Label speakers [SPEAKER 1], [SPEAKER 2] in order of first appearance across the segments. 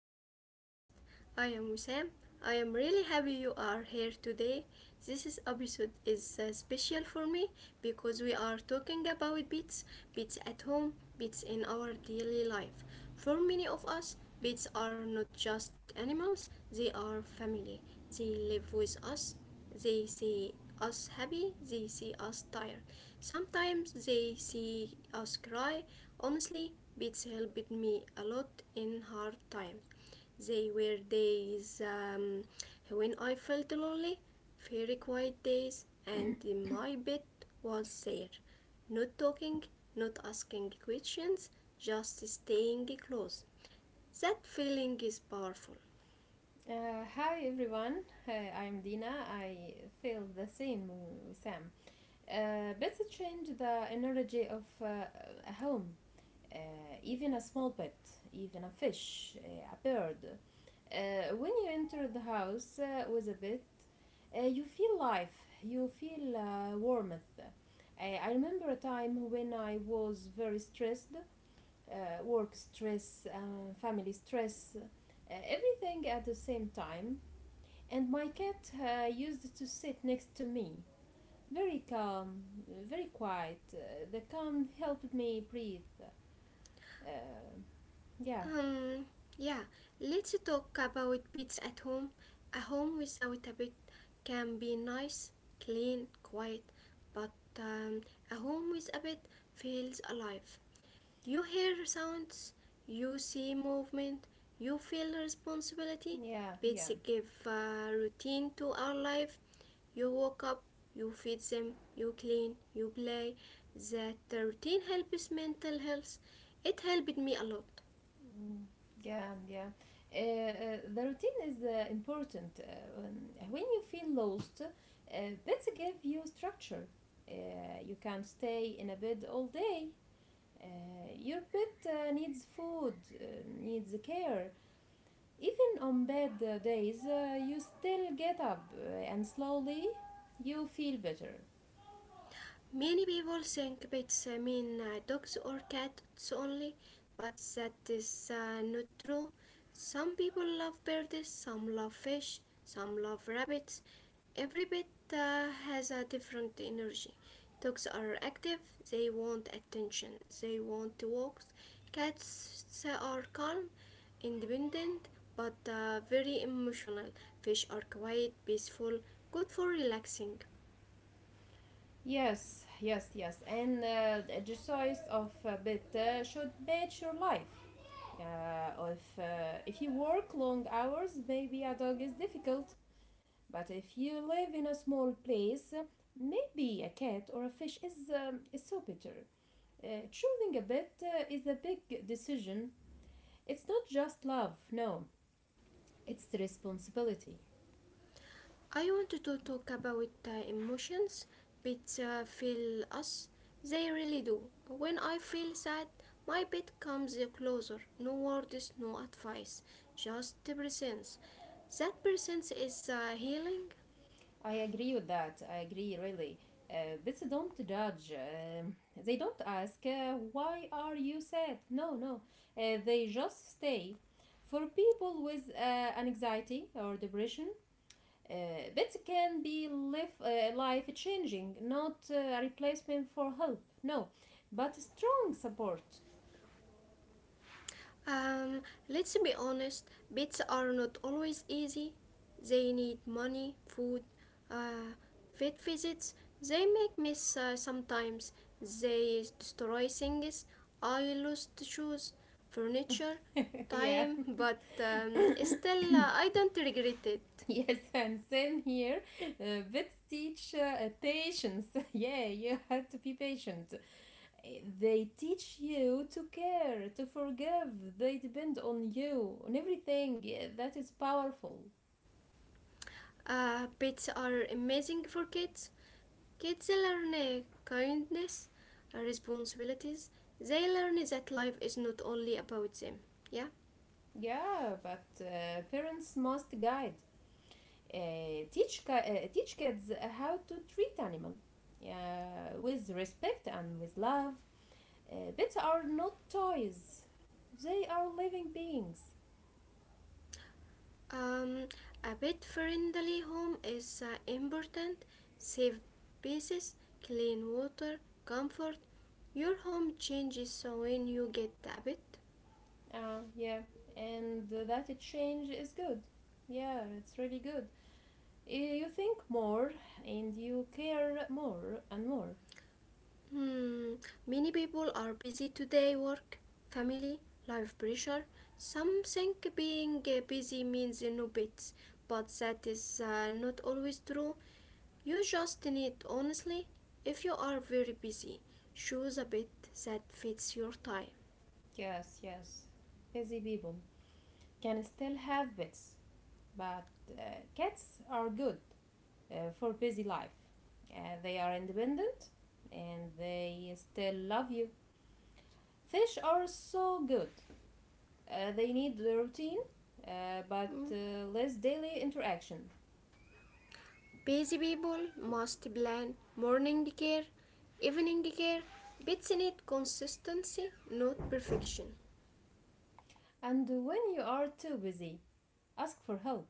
[SPEAKER 1] our podcast. I am Wissam. I am really happy you are here today. This is episode is special for me because we are talking about pets. Pets at home, pets in our daily life. For many of us, pets are not just animals, they are family. They live with us, they see us happy, they see us tired. Sometimes they see us cry. Honestly, Beats helped me a lot in hard times. They were days when I felt lonely, very quiet days, and my bed was there. Not talking, not asking questions, just staying close. That feeling is powerful.
[SPEAKER 2] hi everyone. I'm Dina. I feel the same with Sam. Pets change the energy of a home. Uh, Even a small pet, even a fish, a bird. When you enter the house with a pet, you feel life. You feel warmth. I remember a time when I was very stressed. Work stress, family stress, everything at the same time. And my cat used to sit next to me, very calm, very quiet. The calm helped me breathe. Uh, yeah,
[SPEAKER 1] Um, yeah, let's talk about pets at home. A home without a pet can be nice, clean, quiet, but um, a home with a pet feels alive. You hear sounds, you see movement, you feel responsibility.
[SPEAKER 2] yeah, yeah.
[SPEAKER 1] Pets give routine to our life. You wake up, you feed them, you clean, you play. That routine helps mental health. It helped me a lot.
[SPEAKER 2] Mm, yeah, yeah. The routine is important. When you feel lost, beds give you structure. You can't stay in a bed all day. Your pet needs food, uh, needs care. Even on bad days, you still get up and slowly you feel better.
[SPEAKER 1] Many people think pets mean dogs or cats only, but that is not true. Some people love birds, some love fish, some love rabbits. Every pet has a different energy. Dogs are active, they want attention, they want walks. Cats are calm, independent, but very emotional. Fish are quiet, peaceful, good for relaxing.
[SPEAKER 2] Yes, yes, yes. And the exercise of a pet should match your life. If you work long hours, maybe a dog is difficult. But if you live in a small place, maybe a cat or a fish is so better. Choosing a pet is a big decision. It's not just love, no, it's responsibility.
[SPEAKER 1] I wanted to talk about the emotions pets feel us. They really do. When I feel sad, my pet comes closer. No words, no advice, just the presence. That presence is healing.
[SPEAKER 2] I agree with that. I agree, really. Pets don't judge. They don't ask, why are you sad? No, no. They just stay. For people with anxiety or depression, uh, pets can be life, life changing, not a replacement for help, no, but strong support.
[SPEAKER 1] Um, let's be honest, pets are not always easy. They need money, food, uh, vet visits. They make mess sometimes. They destroy things. I lost shoes, furniture,
[SPEAKER 2] yeah.
[SPEAKER 1] time, but still, I don't regret it.
[SPEAKER 2] Yes, and same here. Vets teach patience. Yeah, you have to be patient. Uh, They teach you to care, to forgive. They depend on you, on everything. Yeah, that is powerful.
[SPEAKER 1] Pets are amazing for kids. Kids learn kindness, responsibilities. They learn that life is not only about them. Yeah.
[SPEAKER 2] Yeah, but parents must guide. Teach kids how to treat animal with respect and with love. Pets are not toys. They are living beings.
[SPEAKER 1] Um, a pet friendly home is important. Safe spaces, clean water, comfort. Your home changes so when you get a pet.
[SPEAKER 2] Yeah, and that change is good. Yeah, it's really good. You think more and you care more and more.
[SPEAKER 1] Hmm, many people are busy today work, family, life pressure. Some think being busy means no pets, but that is not always true. You just need, honestly, if you are very busy, choose a pet that fits your time.
[SPEAKER 2] Yes, yes. Busy people can still have pets, but cats are good for busy life. They are independent and they still love you. Fish are so good. They need the routine, uh, but
[SPEAKER 1] Hmm.
[SPEAKER 2] uh, less daily interaction.
[SPEAKER 1] Busy people must plan morning care, evening care, but need consistency, not perfection.
[SPEAKER 2] And when you are too busy, ask for help.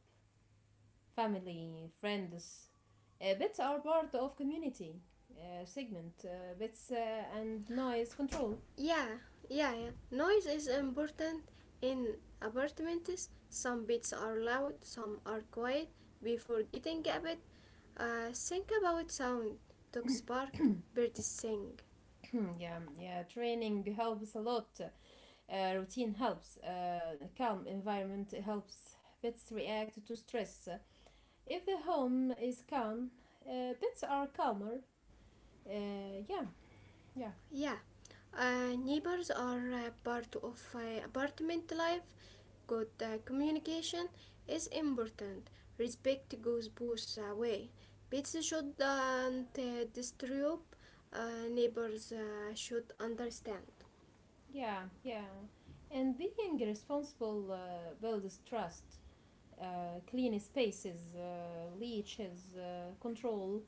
[SPEAKER 2] Family, friends. Pets are part of community segment. Pets and noise control.
[SPEAKER 1] Yeah, yeah, yeah. Noise is important in apartments. Some bits are loud, some are quiet. Before getting a bed, think about sound. Dogs bark, birds sing.
[SPEAKER 2] yeah, yeah. Training helps a lot. Routine helps. Calm environment helps pets react to stress. If the home is calm, pets are calmer. Yeah, yeah,
[SPEAKER 1] Yeah, neighbors are part of apartment life. Good communication is important. Respect goes both way. Pets shouldn't disturb. Neighbors should understand.
[SPEAKER 2] yeah, yeah. And being responsible builds trust. Clean spaces, leeches, control.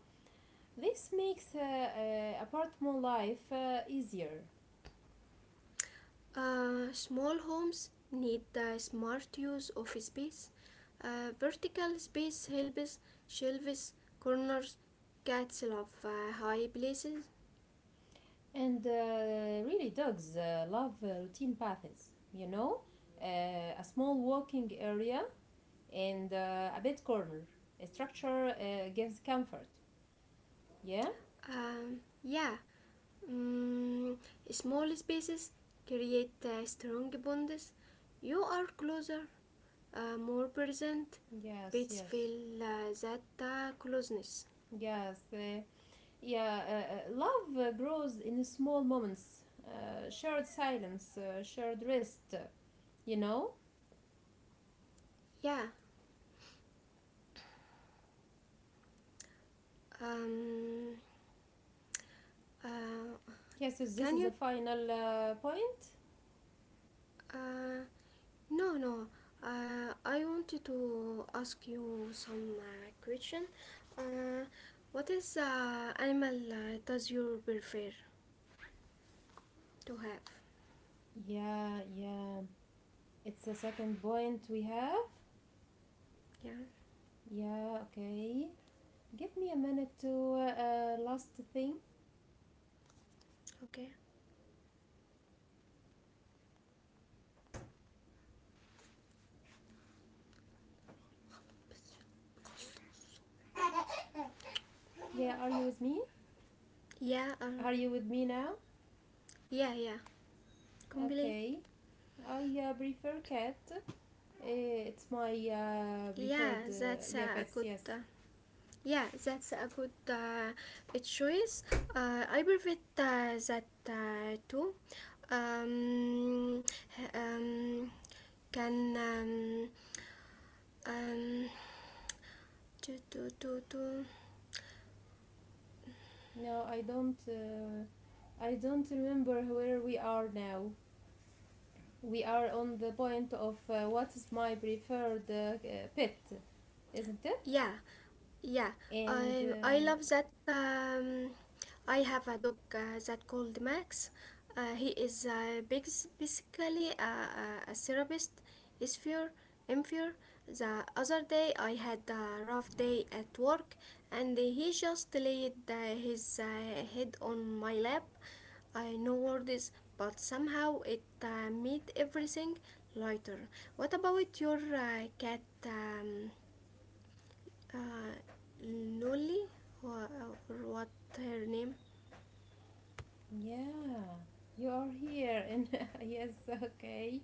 [SPEAKER 2] This makes apartment life easier.
[SPEAKER 1] Small homes need smart use of space. Vertical space helps shelves, corners, cats love high places.
[SPEAKER 2] And really, dogs love routine paths, you know? A small walking area and a bed corner. A structure gives comfort. Yeah?
[SPEAKER 1] Yeah, mm, small spaces create strong bonds. You are closer, more present.
[SPEAKER 2] Yes,
[SPEAKER 1] Pets
[SPEAKER 2] yes.
[SPEAKER 1] feel that closeness.
[SPEAKER 2] Yes, uh, yeah, Love grows in small moments, shared silence, shared rest, you know?
[SPEAKER 1] Yeah. Um, uh,
[SPEAKER 2] Yeah, so this
[SPEAKER 1] can
[SPEAKER 2] is the
[SPEAKER 1] you?
[SPEAKER 2] final point.
[SPEAKER 1] Uh, no, no. I wanted to ask you some question. Uh, what is animal does you prefer to have?
[SPEAKER 2] Yeah, yeah. It's the second point we have.
[SPEAKER 1] Yeah.
[SPEAKER 2] Yeah, okay. Give me a minute to last think.
[SPEAKER 1] Okay.
[SPEAKER 2] I um, I prefer the cat. Yeah, are you with me? Are you
[SPEAKER 1] Yeah.
[SPEAKER 2] with me now?
[SPEAKER 1] Yeah. Yeah. Complete.
[SPEAKER 2] Okay. I prefer cat. Eh, it's my preferred
[SPEAKER 1] Yeah, that's
[SPEAKER 2] yeah
[SPEAKER 1] a
[SPEAKER 2] pets.
[SPEAKER 1] good.
[SPEAKER 2] Yes.
[SPEAKER 1] Yeah, that's a good a choice. I prefer that too. Um, h- can um, to to.
[SPEAKER 2] No, I don't. I don't remember where we are now. We are on the point of what is my preferred pet, isn't it?
[SPEAKER 1] Yeah, yeah.
[SPEAKER 2] And
[SPEAKER 1] I love that. I have a dog that called Max. He is big, basically a therapist. Is fear, inferior. The other day I had a rough day at work, and he just laid his head on my lap. I know words, but somehow it made everything lighter. What about your cat? Uh, Nolly or, or what her name?
[SPEAKER 2] yeah, you are here. And yes, okay,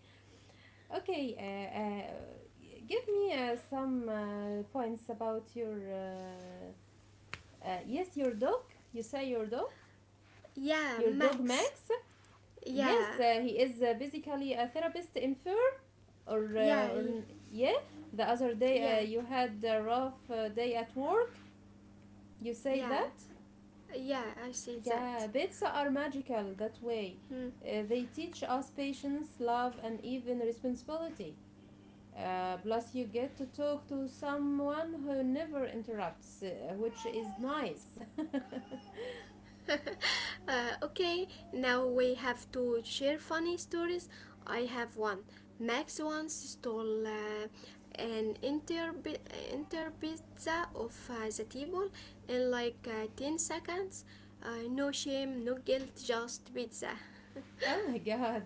[SPEAKER 2] okay. Uh, Give me some points about your. Yes, your dog. You say your dog.
[SPEAKER 1] Yeah,
[SPEAKER 2] Your dog
[SPEAKER 1] Max.
[SPEAKER 2] Max. Yes,
[SPEAKER 1] Yeah,
[SPEAKER 2] he is basically a therapist in fur. Or,
[SPEAKER 1] yeah,
[SPEAKER 2] uh, or yeah. The other day
[SPEAKER 1] yeah,
[SPEAKER 2] you had a rough day at work. You say
[SPEAKER 1] yeah,
[SPEAKER 2] that?
[SPEAKER 1] yeah. I see that.
[SPEAKER 2] Yeah, bits are magical that way.
[SPEAKER 1] Hmm.
[SPEAKER 2] They teach us patience, love, and even responsibility. Plus, you get to talk to someone who never interrupts, which is nice.
[SPEAKER 1] Okay, now we have to share funny stories. I have one. Max once stole an entire pi- entire pizza off the table in like 10 seconds. No shame, no guilt, just pizza.
[SPEAKER 2] Oh my god,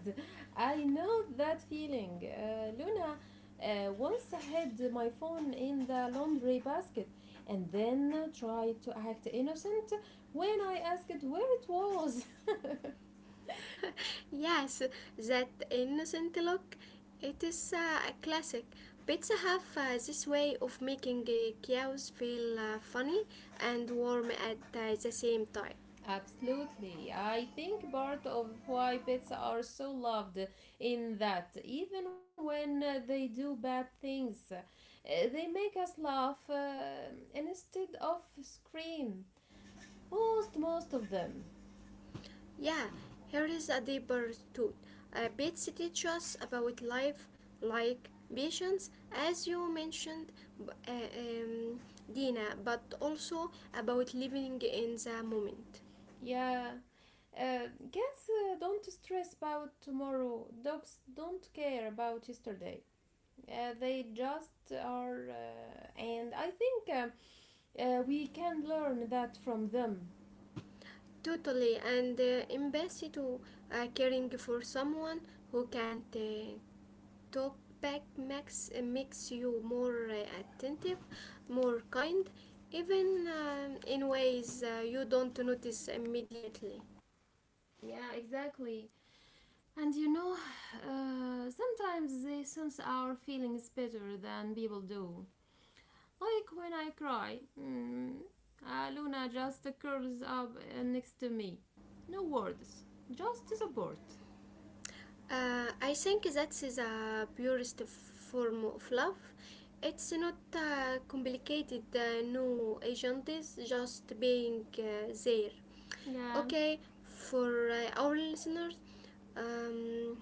[SPEAKER 2] I know that feeling. Luna once had my phone in the laundry basket and then tried to act innocent when I asked where it was.
[SPEAKER 1] Yes, that innocent look. It is a classic. Pizza have this way of making cows feel funny and warm at the same time.
[SPEAKER 2] Absolutely. I think part of why pets are so loved in that even when they do bad things, they make us laugh instead of scream. Most of them.
[SPEAKER 1] Yeah, here is a deeper thought. Pizza teach us about life, like patience, as you mentioned, b- uh, um, Dina, but also about living in the moment.
[SPEAKER 2] Yeah. Cats don't stress about tomorrow. Dogs don't care about yesterday. They just are, and I think we can learn that from them.
[SPEAKER 1] Totally, and empathy to caring for someone who can't talk back makes makes you more attentive, more kind, even in ways you don't notice immediately.
[SPEAKER 2] Yeah, exactly. And you know, sometimes they sense our feelings better than people do. Like when I cry, mm, Luna just curls up next to me. No words, just support.
[SPEAKER 1] I think that is a purest form of love. It's not complicated, no agendas, just being there.
[SPEAKER 2] Yeah,
[SPEAKER 1] Okay, for our listeners, um,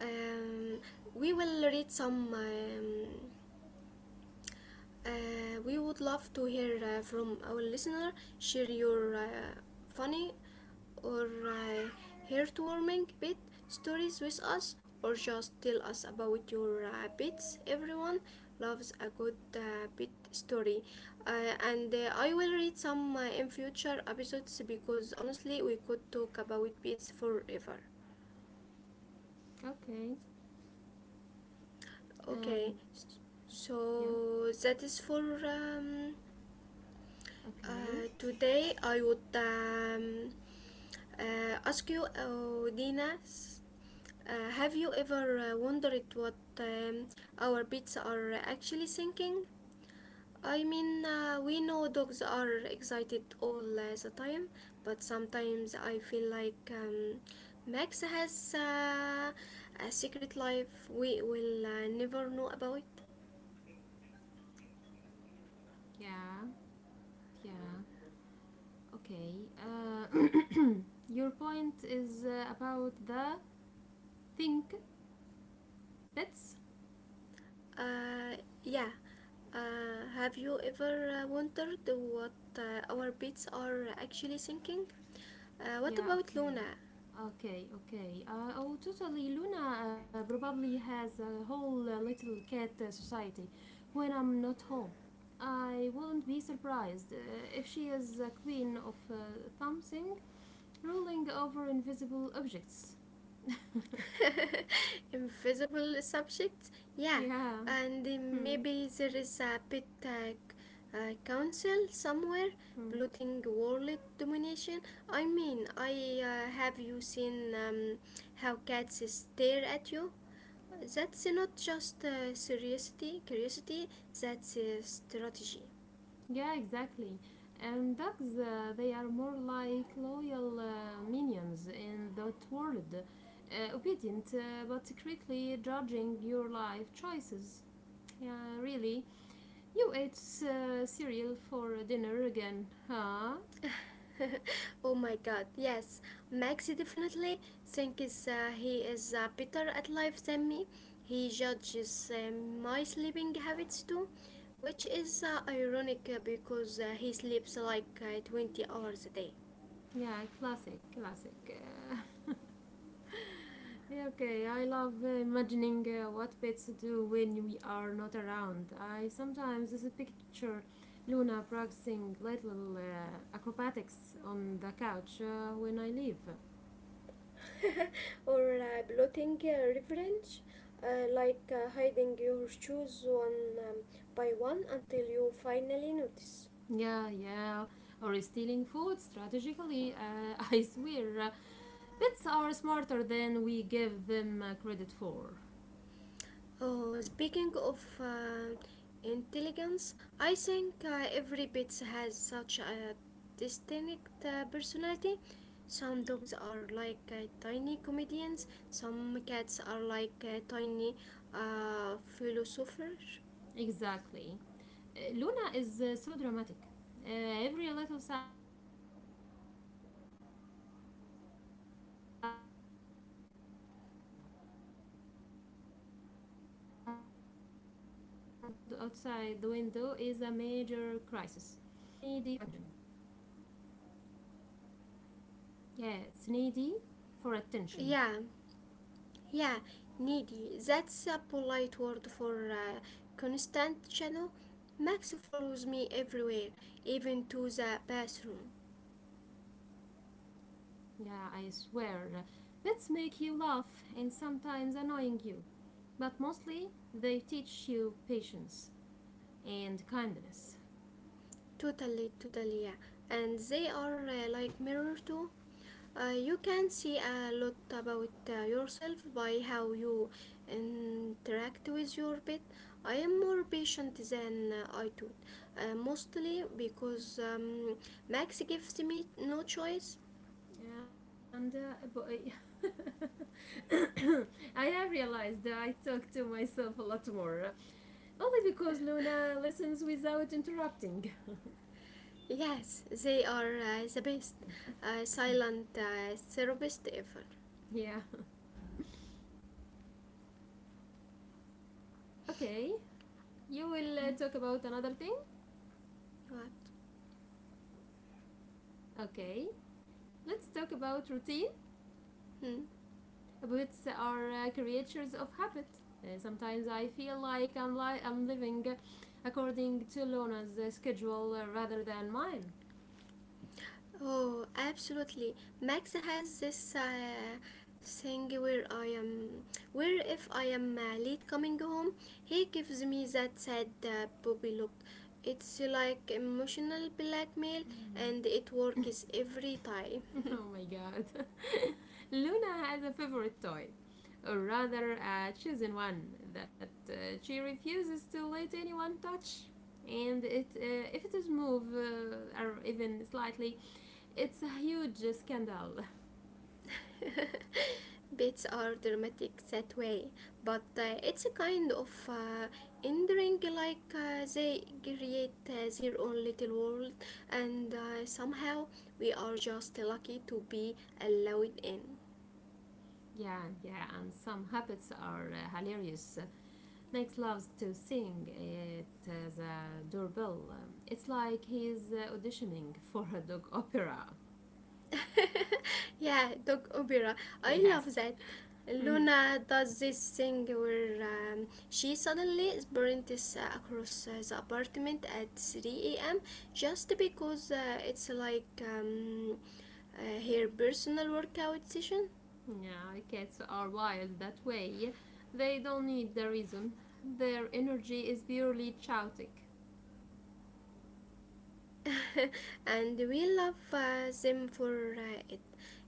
[SPEAKER 1] um, we will read some we would love to hear from our listener. Share your funny or heartwarming pet stories with us, or just tell us about your pets. Everyone loves a good pet story, and I will read some in future episodes because honestly, we could talk about pets forever.
[SPEAKER 2] okay. And
[SPEAKER 1] Okay,
[SPEAKER 2] yeah,
[SPEAKER 1] so that is for.
[SPEAKER 2] okay.
[SPEAKER 1] Today I would ask you, Dina, have you ever wondered what our pets are actually thinking? I mean, we know dogs are excited all the time, but sometimes I feel like Max has a secret life we will never know about.
[SPEAKER 2] Yeah, yeah, okay. Your point is about the think bits.
[SPEAKER 1] Uh, yeah. Have you ever wondered what our pets are actually thinking? What
[SPEAKER 2] Yeah,
[SPEAKER 1] about
[SPEAKER 2] okay.
[SPEAKER 1] Luna?
[SPEAKER 2] Okay, okay. Oh, totally. Luna probably has a whole little cat society when I'm not home. I wouldn't be surprised if she is a queen of something, ruling over invisible objects.
[SPEAKER 1] Invisible subjects? Yeah,
[SPEAKER 2] Yeah.
[SPEAKER 1] and
[SPEAKER 2] Hmm.
[SPEAKER 1] maybe there is a pet council somewhere
[SPEAKER 2] Hmm.
[SPEAKER 1] plotting world domination. I mean, I have you seen how cats stare at you? That's not just curiosity, that's strategy.
[SPEAKER 2] Yeah, exactly. And dogs, they are more like loyal minions in that world, obedient but quickly judging your life choices. Yeah, really. You ate cereal for dinner again, huh?
[SPEAKER 1] Oh my god, yes. Max definitely thinks he is better at life than me. He judges my sleeping habits too, which is ironic because he sleeps like 20 hours a day.
[SPEAKER 2] Yeah, classic, classic. Uh, Yeah, okay, I love imagining what pets do when we are not around. I sometimes just picture Luna practicing little acrobatics on the couch when I leave.
[SPEAKER 1] Or blotting reference, like hiding your shoes one by one until you finally notice.
[SPEAKER 2] Yeah, yeah, or stealing food strategically. I swear, pets are smarter than we give them credit for.
[SPEAKER 1] Oh, speaking of intelligence, I think every pet has such a distinct personality. Some dogs are like tiny comedians, some cats are like tiny philosophers.
[SPEAKER 2] Exactly. Luna is so dramatic. Every little sound outside the window is a major crisis. And Max, no, he is a little goofball, full of energy, but also very needy for attention. Yeah, it's needy for
[SPEAKER 1] Yeah,
[SPEAKER 2] attention.
[SPEAKER 1] yeah, needy. That's a polite word for constant channel. Max follows me everywhere, even to the bathroom.
[SPEAKER 2] Yeah, I swear. Pets make you laugh and sometimes annoying you, but mostly they teach you patience and kindness.
[SPEAKER 1] Totally, totally, yeah. And they are like mirror too. You can see a lot about yourself by how you interact with your pet. I am more patient than I thought, mostly because Max gives me no choice.
[SPEAKER 2] And but I have realized that I talk to myself a lot more. Only because Luna listens without interrupting.
[SPEAKER 1] Yes, they are the best silent therapist ever.
[SPEAKER 2] Yeah. Okay. You will
[SPEAKER 1] Hmm,
[SPEAKER 2] talk about another thing?
[SPEAKER 1] what?
[SPEAKER 2] Okay. Let's talk about routine.
[SPEAKER 1] Hmm.
[SPEAKER 2] Habits are creatures of habit. Sometimes I feel like I'm living according to Luna's schedule rather than mine.
[SPEAKER 1] Oh, absolutely. Max has this thing where if I am late coming home, he gives me that sad puppy look. It's like emotional blackmail, and it works every time.
[SPEAKER 2] Oh my god. Luna has a favorite toy, or rather, a chosen one that she refuses to let anyone touch. And if it is moved or even slightly, it's a huge scandal.
[SPEAKER 1] Bits are dramatic that way, but it's a kind of endearing, like they create their own little world, and somehow we are just lucky to be allowed in.
[SPEAKER 2] Yeah, yeah, and some habits are hilarious. Max loves to sing it as a doorbell. It's like he's auditioning for a dog opera.
[SPEAKER 1] Yeah, dog opera. I
[SPEAKER 2] Yes.
[SPEAKER 1] love that.
[SPEAKER 2] Mhm.
[SPEAKER 1] Luna does this thing where she suddenly sprints across the apartment at 3 a.m. just because it's like her personal workout session.
[SPEAKER 2] Yeah, cats are wild that way. They don't need the reason. Their energy is purely chaotic.
[SPEAKER 1] And we love them for it.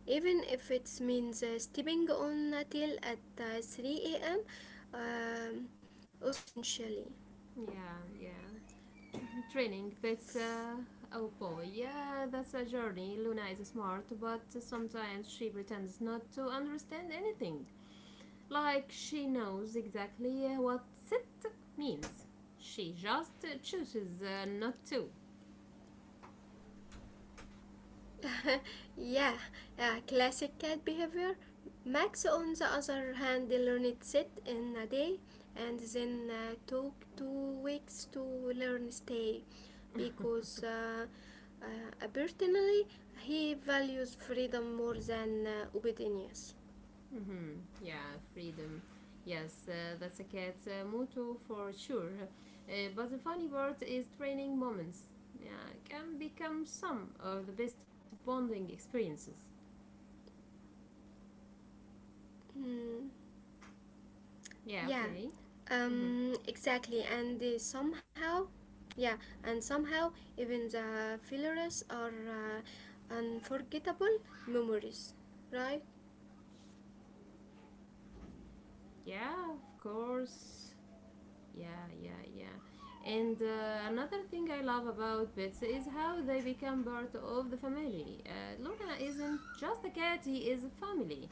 [SPEAKER 1] Even if it means stepping on a tail at 3 a.m., essentially.
[SPEAKER 2] Yeah, yeah. Tr- Training pets, oh boy, yeah, that's a journey. Luna is smart, but sometimes she pretends not to understand anything. Like she knows exactly what sit means. She just chooses not to.
[SPEAKER 1] Yeah, classic cat behavior. Max, on the other hand, learned sit in a day and then took 2 weeks to learn stay because personally he values freedom more than obedience.
[SPEAKER 2] Mm-hmm. Yeah, freedom. Yes, that's a cat motto for sure. But the funny part is training moments. Yeah, can become some of the best bonding experiences.
[SPEAKER 1] Mm.
[SPEAKER 2] Yeah,
[SPEAKER 1] Yeah,
[SPEAKER 2] okay. Mm-hmm.
[SPEAKER 1] exactly, yeah, and somehow even the fillers are unforgettable memories, right?
[SPEAKER 2] Yeah, of course. Yeah, yeah, yeah. And another thing I love about pets is how they become part of the family. Luna isn't just a cat, he is a family.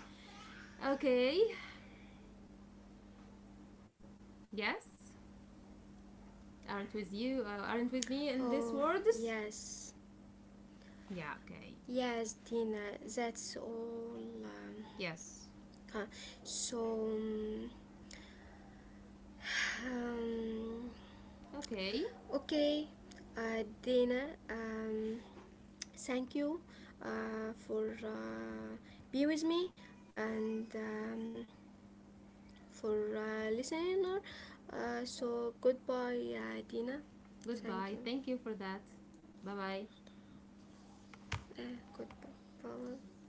[SPEAKER 2] Okay, yes. Aren't with you, aren't with me in this
[SPEAKER 1] Oh,
[SPEAKER 2] words?
[SPEAKER 1] yes,
[SPEAKER 2] Yeah, okay.
[SPEAKER 1] yes, Tina, that's all. Um,
[SPEAKER 2] Yes.
[SPEAKER 1] uh, so, um, um,
[SPEAKER 2] Okay.
[SPEAKER 1] Okay, Dana, thank you for be with me and for listening. So goodbye, Dina. Thank
[SPEAKER 2] Goodbye.
[SPEAKER 1] you.
[SPEAKER 2] Thank you for that. Bye bye.
[SPEAKER 1] Goodbye. Bye.